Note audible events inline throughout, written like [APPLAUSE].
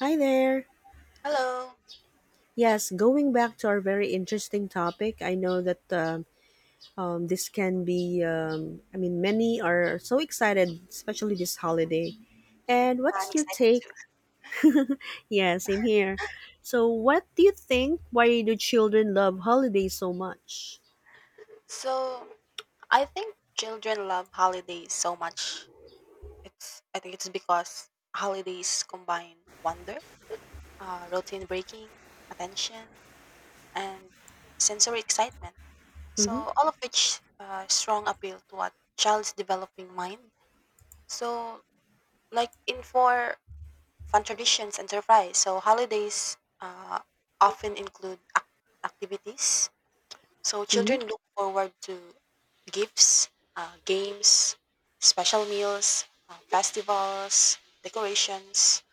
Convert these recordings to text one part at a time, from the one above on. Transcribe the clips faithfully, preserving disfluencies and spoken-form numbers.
Hi there. Hello, Yes, going back to our very interesting topic, I know that um um, this can be, um, I mean, many are so excited, especially this holiday. And I'm what's your excited take? too. Yeah, same here. So, what do you think? Why do children love holidays so much? So, I think children love holidays so much. It's I think it's because holidays combine wonder, uh, routine breaking, attention, and sensory excitement. So, Mm-hmm. all of which uh, strong appeal to a child's developing mind. So, like in for fun traditions and surprise. So, holidays uh, often include ac- activities. So Mm-hmm. children look forward to gifts, uh, games, special meals, uh, festivals, decorations,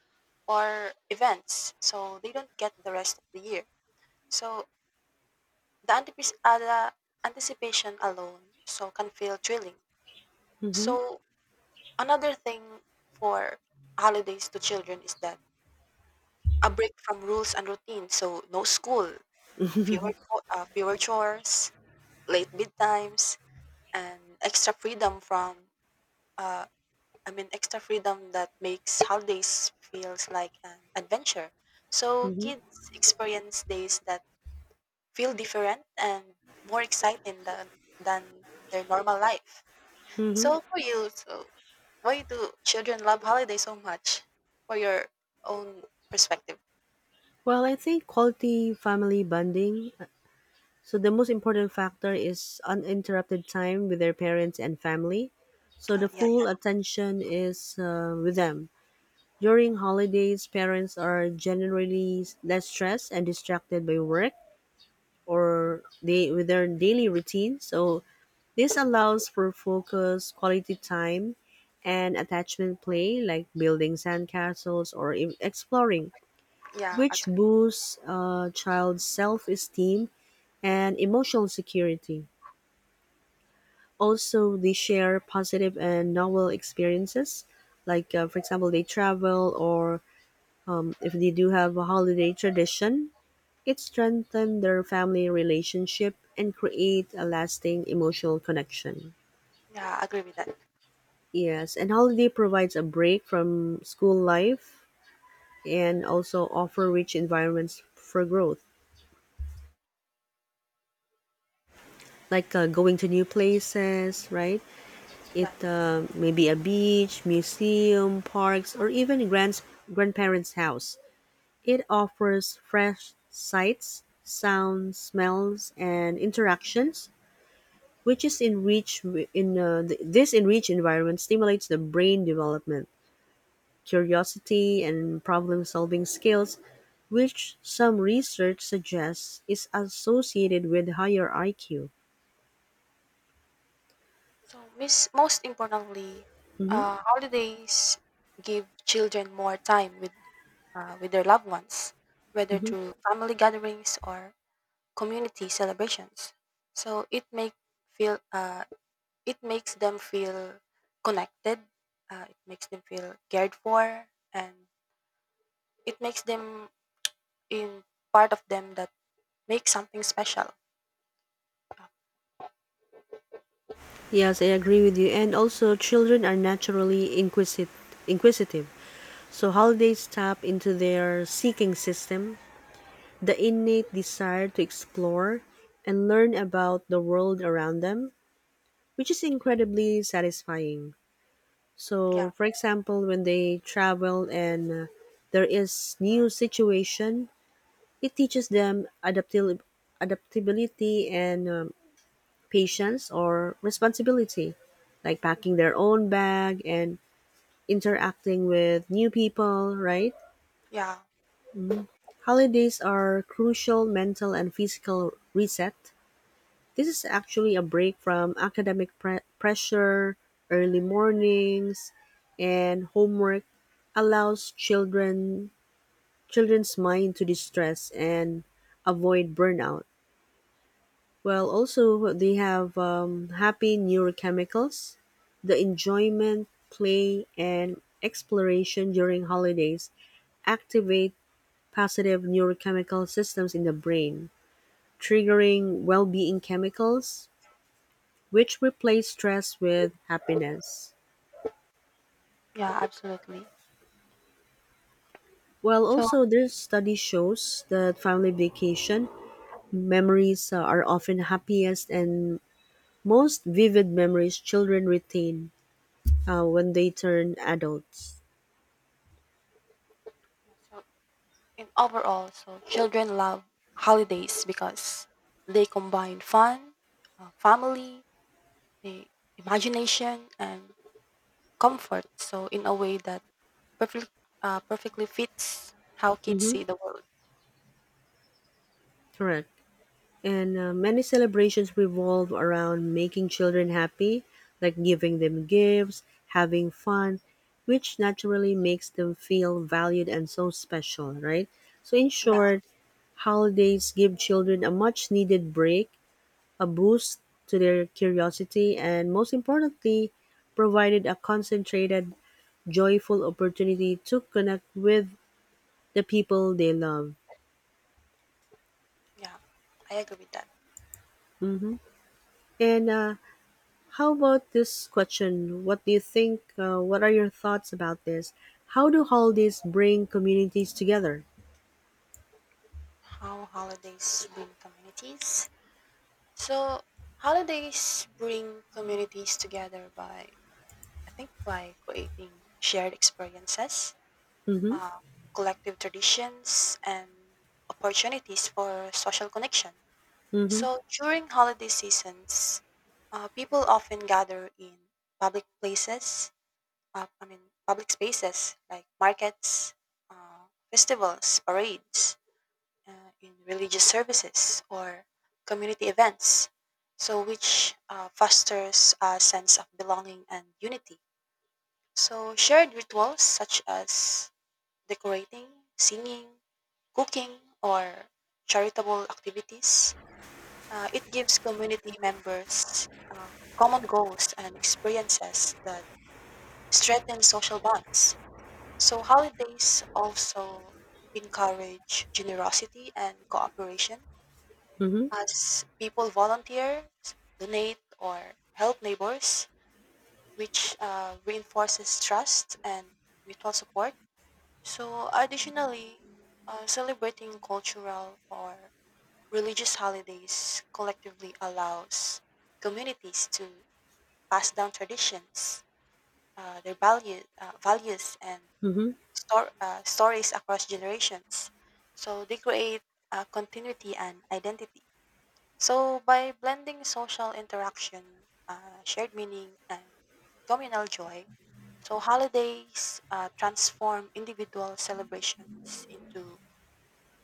or events. So they don't get the rest of the year. So the, antipis- uh, the anticipation alone so can feel thrilling. So another thing for holidays to children is that a break from rules and routine. So no school, uh, Mm-hmm. fewer co- uh, fewer chores, late bedtimes, and extra freedom from uh, I mean extra freedom that makes holidays feels like an adventure. [LAUGHS] So Mm-hmm. kids experience days that feel different and more exciting than than their normal life. Mm-hmm. So for you, so why do children love holidays so much? For your own perspective. Well, I think quality family bonding. So the most important factor is uninterrupted time with their parents and family. So Uh, the Yeah, yeah, full attention is uh, with them. During holidays, parents are generally less stressed and distracted by work or they with their daily routine. So this allows for focus, quality time, and attachment play like building sandcastles or e- exploring, yeah. which Actually, boosts a child's self-esteem and emotional security. Also they share positive and novel experiences like uh, for example they travel, or um, if they do have a holiday tradition it strengthens their family relationship and create a lasting emotional connection. yeah, I agree with that. Yes, and holiday provides a break from school life and also offer rich environments for growth, like uh, going to new places, right? It Yeah. uh, may be a beach, museum, parks, or even grand's, grandparents' house. It offers fresh sights, sounds, smells, and interactions, which is enrich in uh, th- this enriched environment stimulates the brain development, curiosity, and problem-solving skills, which some research suggests is associated with higher I Q. So, Miss, most importantly, Mhm, uh, holidays give children more time with uh, with their loved ones, whether mhm. through family gatherings or community celebrations. So it make feel uh, it makes them feel connected. Uh, it makes them feel cared for, and it makes them in part of them that makes something special. Yes, I agree with you. And also, children are naturally inquisit- inquisitive. So, holidays tap into their seeking system, the innate desire to explore and learn about the world around them, which is incredibly satisfying. So, Yeah, for example, when they travel and uh, there is new situation, it teaches them adaptil- adaptability and um, patience or responsibility, like packing their own bag and interacting with new people, right? yeah, Holidays are crucial mental and physical reset. This is actually a break from academic pre- pressure, early mornings, and homework allows children children's mind to distress and avoid burnout. Well, also they have um, happy neurochemicals, the enjoyment, play, and exploration during holidays activate positive neurochemical systems in the brain, triggering well-being chemicals, which replace stress with happiness. yeah, absolutely. Well, So, also this study shows that family vacation memories uh, are often happiest and most vivid memories children retain uh, when they turn adults. so and overall, so children love holidays because they combine fun, uh, family, the imagination, and comfort. So in a way that perfect, uh, perfectly fits how kids Mm-hmm. see the world. Correct. And uh, many celebrations revolve around making children happy, like giving them gifts, having fun, which naturally makes them feel valued and so special, right? So, in Yeah, short, holidays give children a much needed break, a boost to their curiosity, and most importantly, provided a concentrated, joyful opportunity to connect with the people they love. yeah, I agree with that. Mm-hmm. And uh, how about this question? What do you think? Uh, what are your thoughts about this? How do holidays bring communities together? How holidays bring communities. So holidays bring communities together by, I think, by creating shared experiences Mm-hmm. uh, collective traditions, and opportunities for social connection. Mm-hmm. So during holiday seasons, uh, people often gather in public places, uh, I mean, public spaces like markets, uh, festivals, parades, uh, in religious services, or community events. So, which uh, fosters a sense of belonging and unity. So, shared rituals such as decorating, singing, cooking, or charitable activities. Uh, it gives community members uh, common goals and experiences that strengthen social bonds. So, holidays also encourage generosity and cooperation Mm-hmm. as people volunteer, donate, or help neighbors, which uh, reinforces trust and mutual support. So, additionally, uh, celebrating cultural or religious holidays collectively allows communities to pass down traditions, uh, their value, uh, values, and Mm-hmm. stor- uh, stories across generations. So they create uh, continuity and identity. So by blending social interaction, uh, shared meaning, and communal joy, so holidays uh, transform individual celebrations into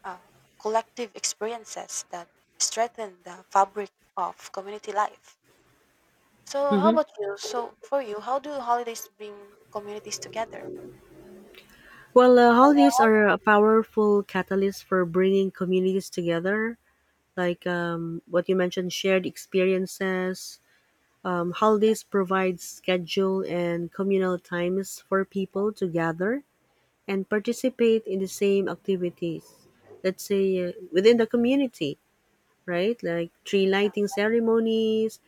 uh, collective experiences that strengthen the fabric of community life. So, how Mm-hmm. about you? So, for you, how do holidays bring communities together? Well, uh, holidays are a powerful catalyst for bringing communities together. Like um, what you mentioned, shared experiences. Um, holidays provide schedule and communal times for people to gather and participate in the same activities. Let's say uh, within the community, right? Like tree Yeah, lighting ceremonies,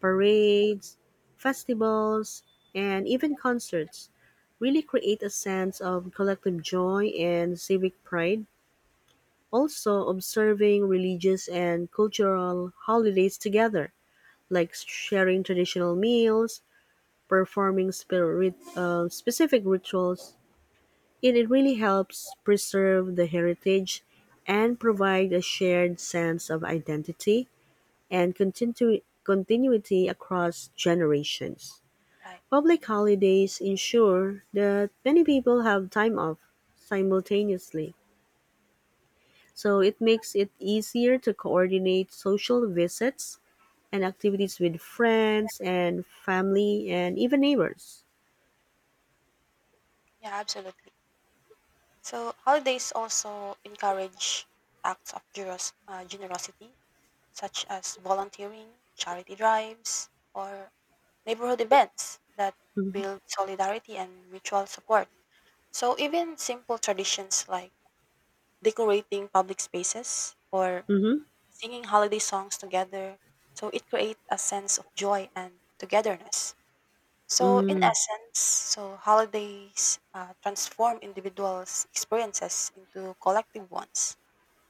parades, festivals, and even concerts really create a sense of collective joy and civic pride. Also, observing religious and cultural holidays together, like sharing traditional meals, performing spirit, uh, specific rituals, it, it really helps preserve the heritage and provide a shared sense of identity and continu- continuity across generations. right. Public holidays ensure that many people have time off simultaneously, so it makes it easier to coordinate social visits and activities with friends and family and even neighbors. Yeah, absolutely. So holidays also encourage acts of generos- uh, generosity, such as volunteering, charity drives, or neighborhood events that Mm-hmm. build solidarity and mutual support. So even simple traditions like decorating public spaces, or Mm-hmm. singing holiday songs together. So it creates a sense of joy and togetherness. So in Mm. essence, so holidays uh, transform individuals' experiences into collective ones.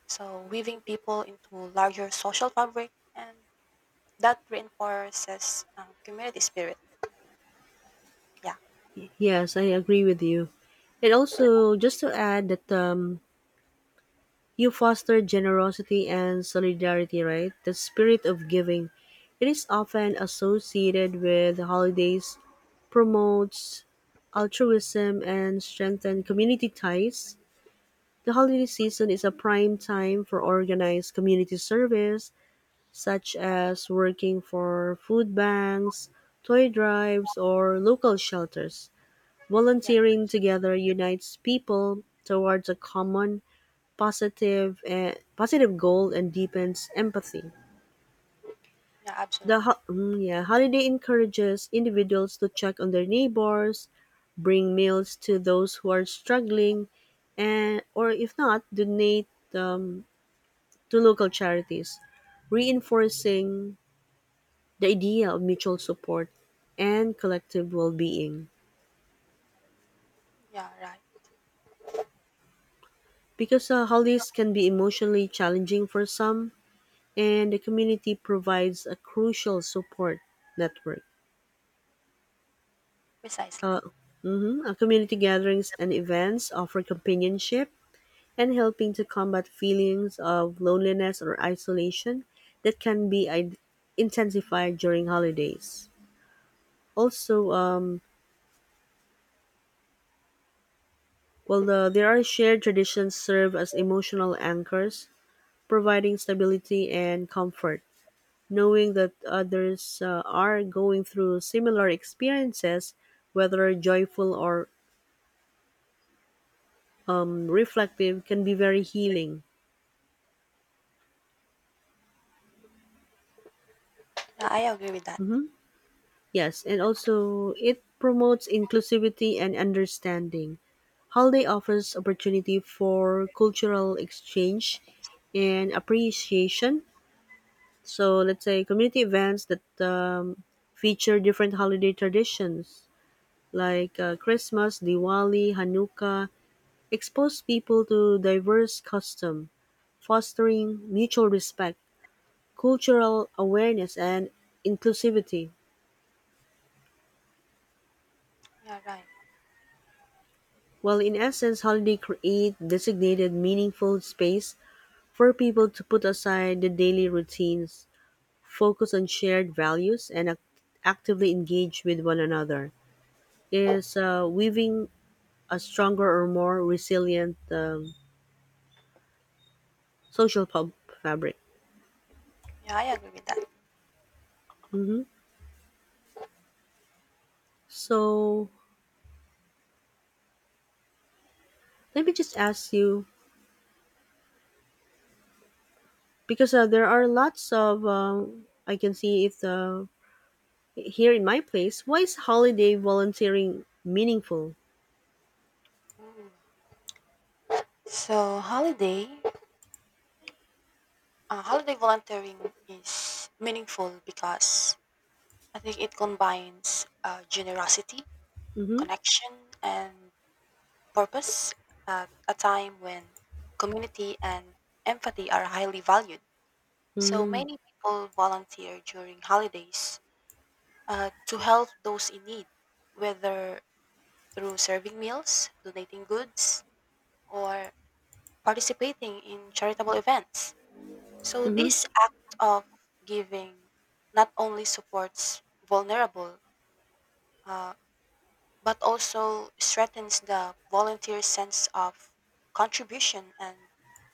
So weaving people into larger social fabric, and that reinforces uh, community spirit. Yeah, Yes, I agree with you. And also, just to add that um, you foster generosity and solidarity, right? The spirit of giving. It is often associated with holidays, promotes altruism, and strengthens community ties. The holiday season is a prime time for organized community service, such as working for food banks, toy drives, or local shelters. yeah, Volunteering together unites people towards a common positive and positive goal and deepens empathy. yeah, The absolutely. ho- mm, yeah, holiday encourages individuals to check on their neighbors, bring meals to those who are struggling, and or if not, donate um, to local charities, reinforcing the idea of mutual support and collective well-being. Yeah, right. Because uh, holidays can be emotionally challenging for some, and the community provides a crucial support network. Precisely. Uh, mhm. Uh, Community gatherings and events offer companionship and helping to combat feelings of loneliness or isolation that can be I- intensified during holidays. Also, um, well, the, there are shared traditions serve as emotional anchors, providing stability and comfort. Knowing that others uh, are going through similar experiences, whether joyful or um, reflective, can be very healing. Yeah, I agree with that. Mm-hmm. Yes, and also it promotes inclusivity and understanding. Holiday offers opportunity for cultural exchange and appreciation. So let's say community events that um, feature different holiday traditions like uh, Christmas, Diwali, Hanukkah expose people to diverse custom, fostering mutual respect, cultural awareness, and inclusivity. Yeah, right. While in essence holiday create designated meaningful space for people to put aside the daily routines, focus on shared values, and act- actively engage with one another is uh, weaving a stronger or more resilient um, social pub fabric. Yeah, I agree with that. Hmm So let me just ask you, because uh, there are lots of uh, I can see if the here in my place, why is holiday volunteering meaningful? Mm. So holiday, uh, holiday volunteering is meaningful because I think it combines uh, generosity, Mm-hmm. connection, and purpose at a time when community and empathy are highly valued. So Hmm. many people volunteer during holidays uh, to help those in need, whether through serving meals, donating goods, or participating in charitable events. So Hmm. this act of giving not only supports vulnerable, uh, but also strengthens the volunteer's sense of contribution and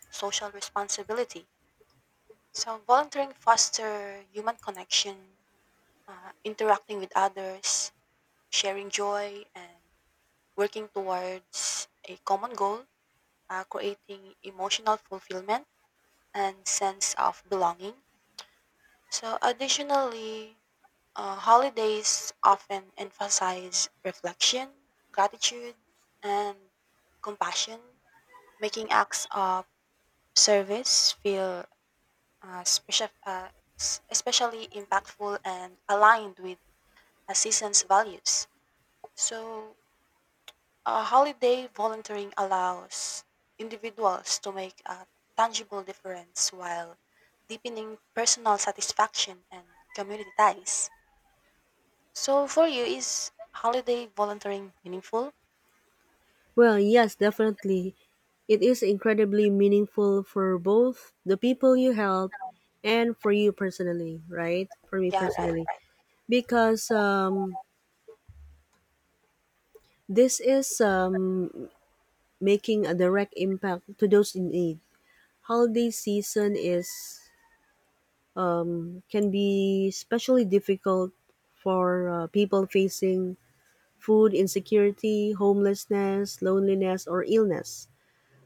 social responsibility. So volunteering foster human connection, uh, interacting with others, sharing joy, and working towards a common goal, uh, creating emotional fulfillment and sense of belonging. So additionally, Uh, holidays often emphasize reflection, gratitude, and compassion, making acts of service feel uh, special, uh, s- especially impactful and aligned with a season's values. So, uh, holiday volunteering allows individuals to make a tangible difference while deepening personal satisfaction and community ties. So for you, is holiday volunteering meaningful? Well, yes, definitely. It is incredibly meaningful for both the people you help and for you personally, right? For me Yeah, right. personally, because um, this is um, making a direct impact to those in need. Holiday season is can be especially difficult for uh, people facing food insecurity, homelessness, loneliness, or illness.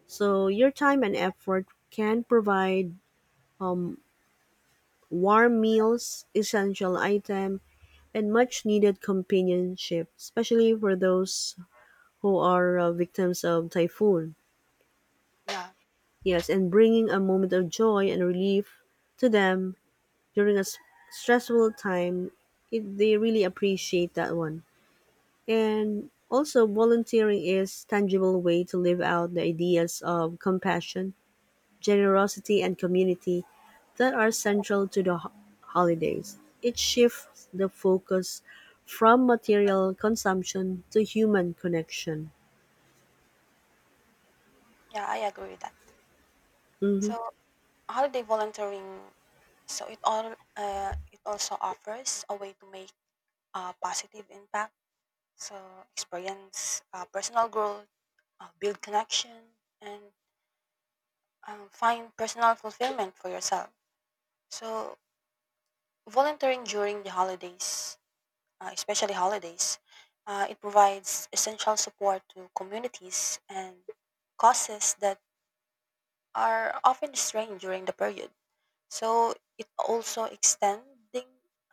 So, your time and effort can provide warm meals, essential item, and much needed companionship, especially for those who are uh, victims of typhoon. Yeah, Yes, and bringing a moment of joy and relief to them during a s- stressful time, it, they really appreciate that one. And also, volunteering is tangible way to live out the ideas of compassion, generosity, and community that are central to the ho- holidays. It shifts the focus from material consumption to human connection. yeah, I agree with that. Mhm. So holiday volunteering, so it all uh, it also offers a way to make a positive impact. So experience uh, personal growth, uh, build connection, and um, find personal fulfillment for yourself. So volunteering during the holidays, uh, especially holidays, uh, it provides essential support to communities and causes that are often strained during the period. So it also extending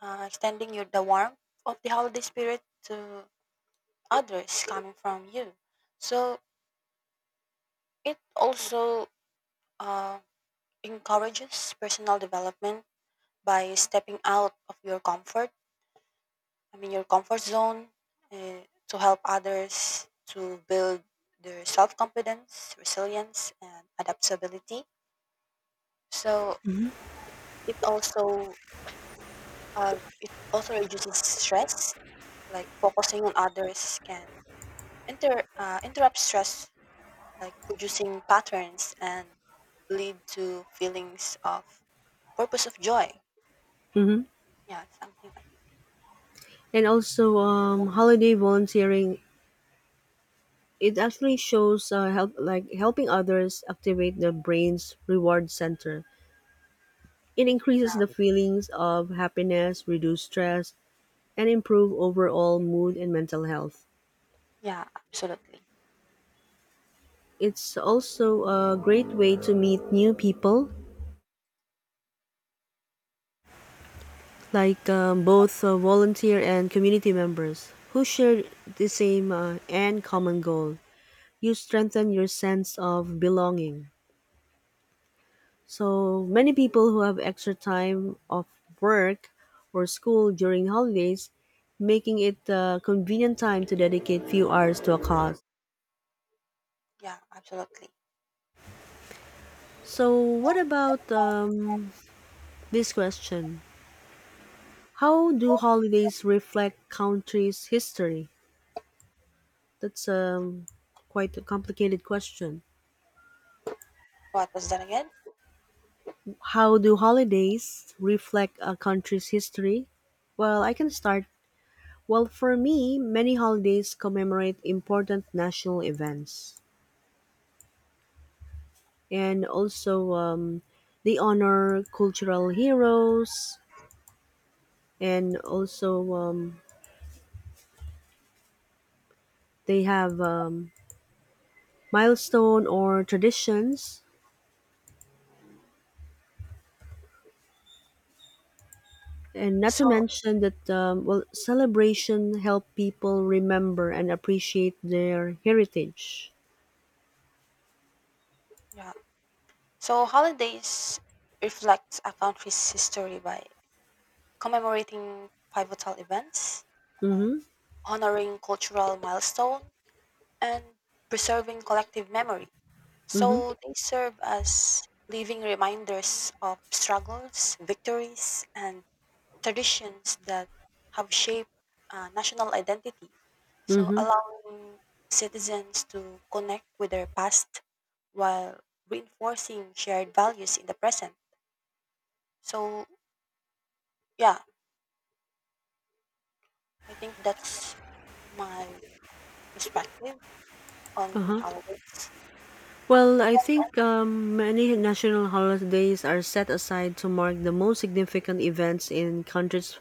uh, extending you the warmth of the holiday spirit to others coming from you. So it also uh, encourages personal development by stepping out of your comfort. I mean your comfort zone uh, to help others to build their self confidence, resilience, and adaptability. So Mhm. it also Uh, it also reduces stress, like focusing on others can inter uh, interrupt stress, like producing patterns and lead to feelings of purpose of joy. Mm-hmm. Yeah, something like And also, um, holiday volunteering it actually shows uh, help like helping others activate the brain's reward center. It increases the feelings of happiness, reduce stress, and improve overall mood and mental health. yeah, absolutely. It's also a great way to meet new people, like um, both uh, volunteer and community members who share the same uh, and common goal. You strengthen your sense of belonging. So many people who have extra time of work or school during holidays, making it a convenient time to dedicate few hours to a cause. Yeah, absolutely. So, what about um, this question? How do holidays reflect countries' history? That's um, quite a complicated question. What was that again? How do holidays reflect a country's history? Well, I can start. Well, for me, many holidays commemorate important national events and also um, they honor cultural heroes and also um, they have um, milestone or traditions, and not to So mention that um, well, celebration help people remember and appreciate their heritage. yeah, so holidays reflect a country's history by commemorating pivotal events like Mm-hmm. honoring cultural milestones and preserving collective memory. Mm-hmm. So they serve as living reminders of struggles, victories, and traditions that have shaped uh, national identity. So Mm-hmm. allowing citizens to connect with their past while reinforcing shared values in the present. So, yeah, I think that's my perspective on the Uh-huh. holidays. Well, I think um, many national holidays are set aside to mark the most significant events in countries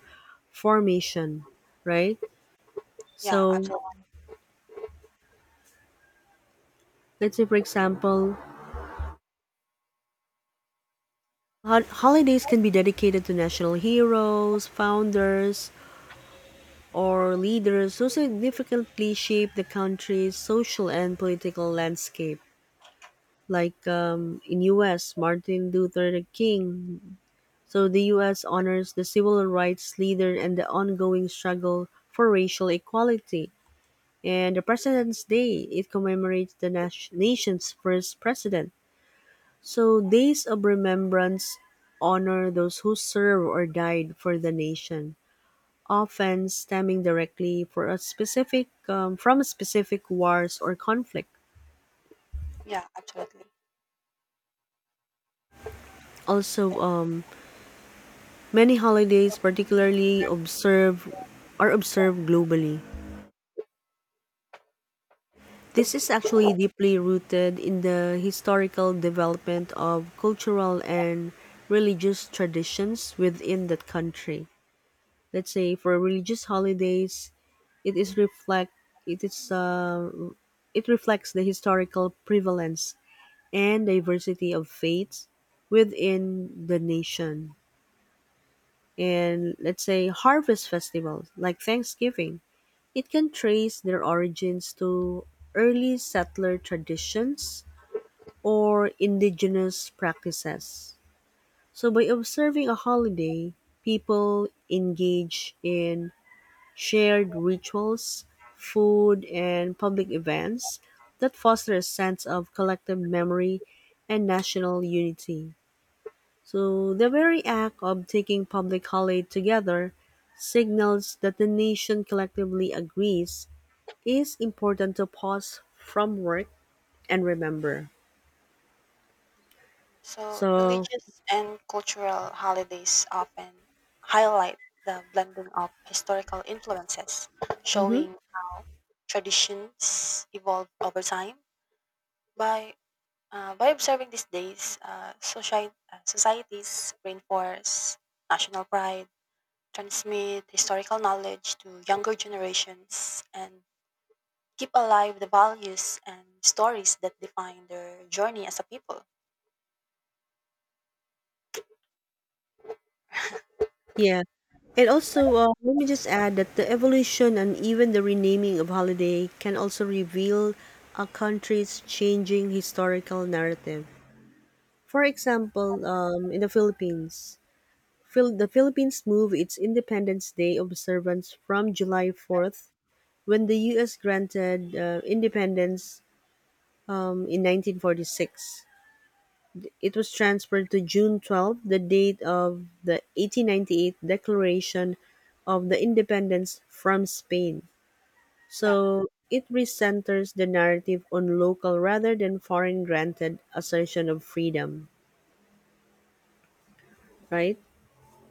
formation, right? Yeah, So absolutely. let's say, for example, hol- holidays can be dedicated to national heroes, founders, or leaders who significantly shape the country's social and political landscape. Like um, in U S, Martin Luther King. So the U S honors the civil rights leader and the ongoing struggle for racial equality. And the President's Day, it commemorates the nas- nation's first president. So days of remembrance honor those who serve or died for the nation, often stemming directly for a specific um, from specific wars or conflict. Yeah, absolutely. Also, um, many holidays, particularly observe, are observed globally. This is actually deeply rooted in the historical development of cultural and religious traditions within that country. Let's say for religious holidays, it is reflect it is uh, it reflects the historical prevalence and diversity of faiths within the nation. And let's say harvest festivals like Thanksgiving, it can trace their origins to early settler traditions or indigenous practices. So, by observing a holiday, people engage in shared rituals, food, and public events that foster a sense of collective memory and national unity. So the very act of taking public holiday together signals that the nation collectively agrees is important to pause from work and remember. So, So, religious and cultural holidays often highlight the blending of historical influences, mhm, showing how traditions evolve over time. By uh, by observing these days, uh, society, uh, societies reinforce national pride, transmit historical knowledge to younger generations, and keep alive the values and stories that define their journey as a people. yeah. And also, uh, let me just add that the evolution and even the renaming of holiday can also reveal a country's changing historical narrative. For example, um, in the Philippines, Phil- the Philippines moved its Independence Day observance from July fourth, when the U S granted uh, independence um, in nineteen forty-six. It was transferred to June twelfth, the date of the eighteen ninety-eight Declaration of the Independence from Spain. Yeah, So it recenters the narrative on local rather than foreign granted assertion of freedom, right?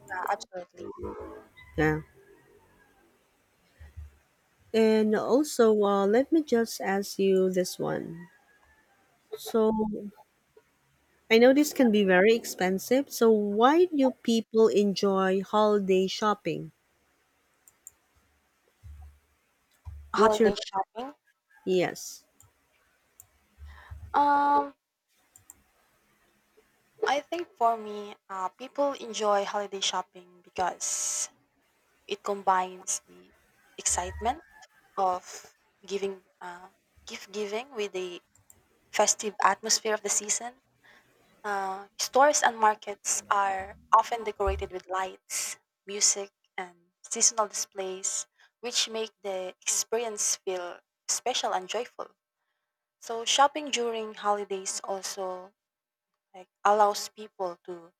yeah absolutely. Yeah. And also, uh, let me just ask you this one. So I know this can be very expensive. So why do people enjoy holiday shopping? What's your Holiday shopping? yes? Um, I think for me, uh, people enjoy holiday shopping because it combines the excitement of giving, uh, gift giving with the festive atmosphere of the season. Uh, stores and markets are often decorated with lights, music, and seasonal displays, which make the experience feel special and joyful. So, shopping during holidays also like allows people to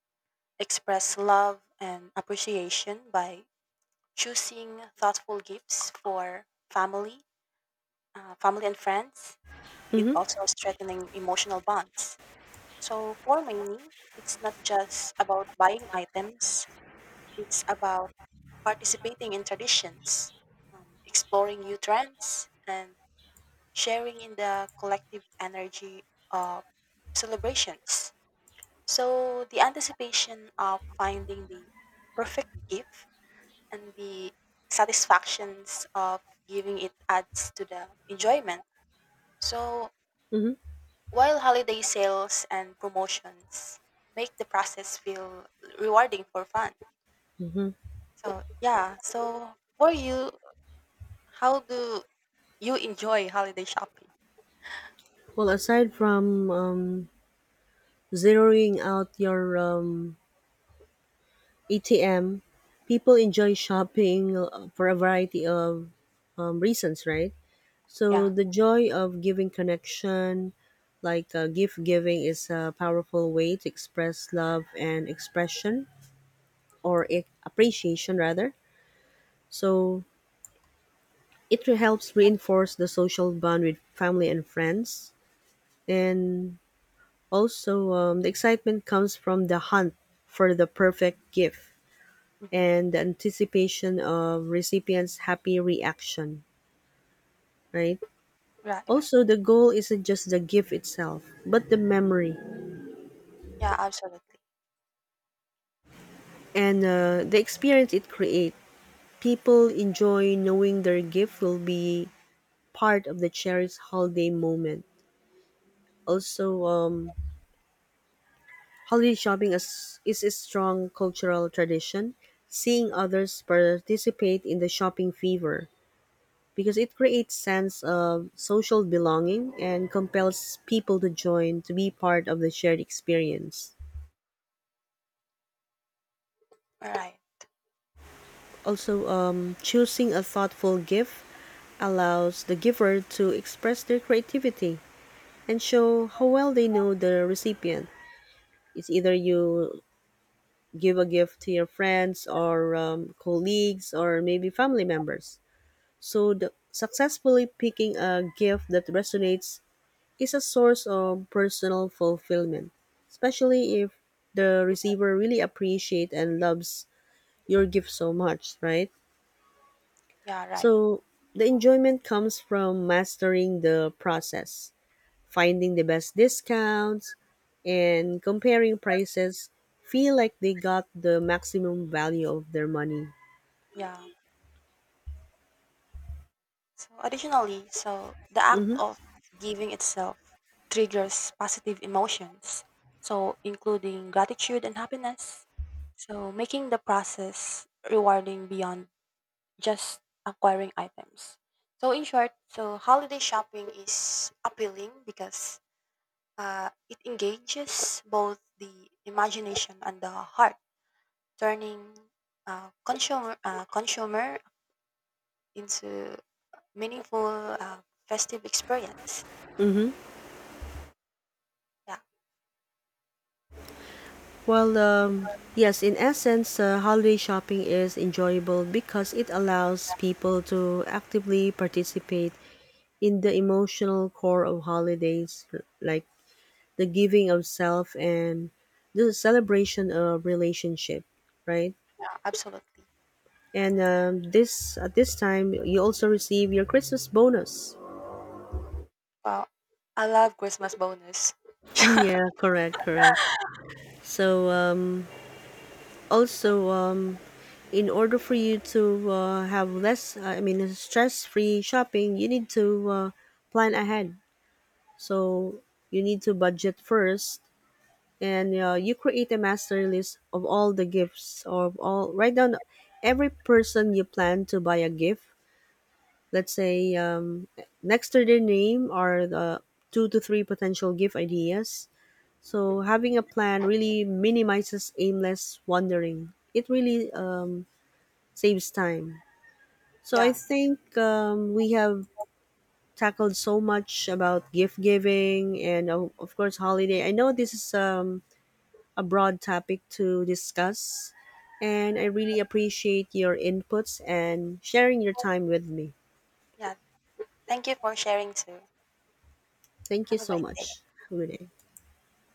express love and appreciation by choosing thoughtful gifts for family, uh, family and friends. It Mm-hmm. also strengthening emotional bonds. So for many, it's not just about buying items. It's about participating in traditions, um, exploring new trends, and sharing in the collective energy of celebrations. So the anticipation of finding the perfect gift and the satisfactions of giving it adds to the enjoyment. So Mm-hmm. while holiday sales and promotions make the process feel rewarding for fun. Mm-hmm. So yeah, so for you, how do you enjoy holiday shopping? Well, aside from um, zeroing out your um, A T M, people enjoy shopping uh, for a variety of um, reasons, right? So Yeah. the joy of giving connection, like uh, gift giving, is a powerful way to express love and expression or e- appreciation, rather. So it helps reinforce the social bond with family and friends. And also, um, the excitement comes from the hunt for the perfect gift Hmm. and the anticipation of recipients' happy reaction, right? Right, right. Also, the goal isn't just the gift itself, but the memory Yeah, absolutely. and uh, the experience it creates. People enjoy knowing their gift will be part of the cherished holiday moment. Also, um, holiday shopping is, is a strong cultural tradition. Seeing others participate in the shopping fever because it creates sense of social belonging and compels people to join to be part of the shared experience. All right. Also, um, choosing a thoughtful gift allows the giver to express their creativity and show how well they know the recipient. It's either you give a gift to your friends or um, colleagues or maybe family members. So, the, successfully picking a gift that resonates is a source of personal fulfillment, especially if the receiver really appreciates and loves your gift so much, right? Yeah, right. So, the enjoyment comes from mastering the process, finding the best discounts, and comparing prices feel like they got the maximum value of their money. Yeah. So additionally, so the act Mm-hmm. of giving itself triggers positive emotions, so including gratitude and happiness. So making the process rewarding beyond just acquiring items. So in short, so holiday shopping is appealing because uh, it engages both the imagination and the heart, turning uh, consumer uh, consumer into meaningful uh, festive experience. Mm-hmm. Yeah, Well, um, yes, in essence, uh, holiday shopping is enjoyable because it allows people to actively participate in the emotional core of holidays, like the giving of self and the celebration of relationship, right? yeah, absolutely. And um, this at this time, you also receive your Christmas bonus. [LAUGHS] Well, I love Christmas bonus. [LAUGHS] Yeah, correct, correct. So um, Also, um, in order for you to uh, have less, uh, I mean, stress-free shopping, you need to uh, plan ahead. So you need to budget first, and uh, you create a master list of all the gifts or of all. Write down every person you plan to buy a gift. Let's say um, next to their name are the two to three potential gift ideas. So having a plan really minimizes aimless wandering. It really um, saves time. So I Yeah, think um, we have tackled so much about gift giving and uh, of course holiday. I know this is um, a broad topic to discuss, and I really appreciate your inputs and sharing your time with me. yeah. Thank you for sharing too. Thank you Have a so great day. much. Have a good day.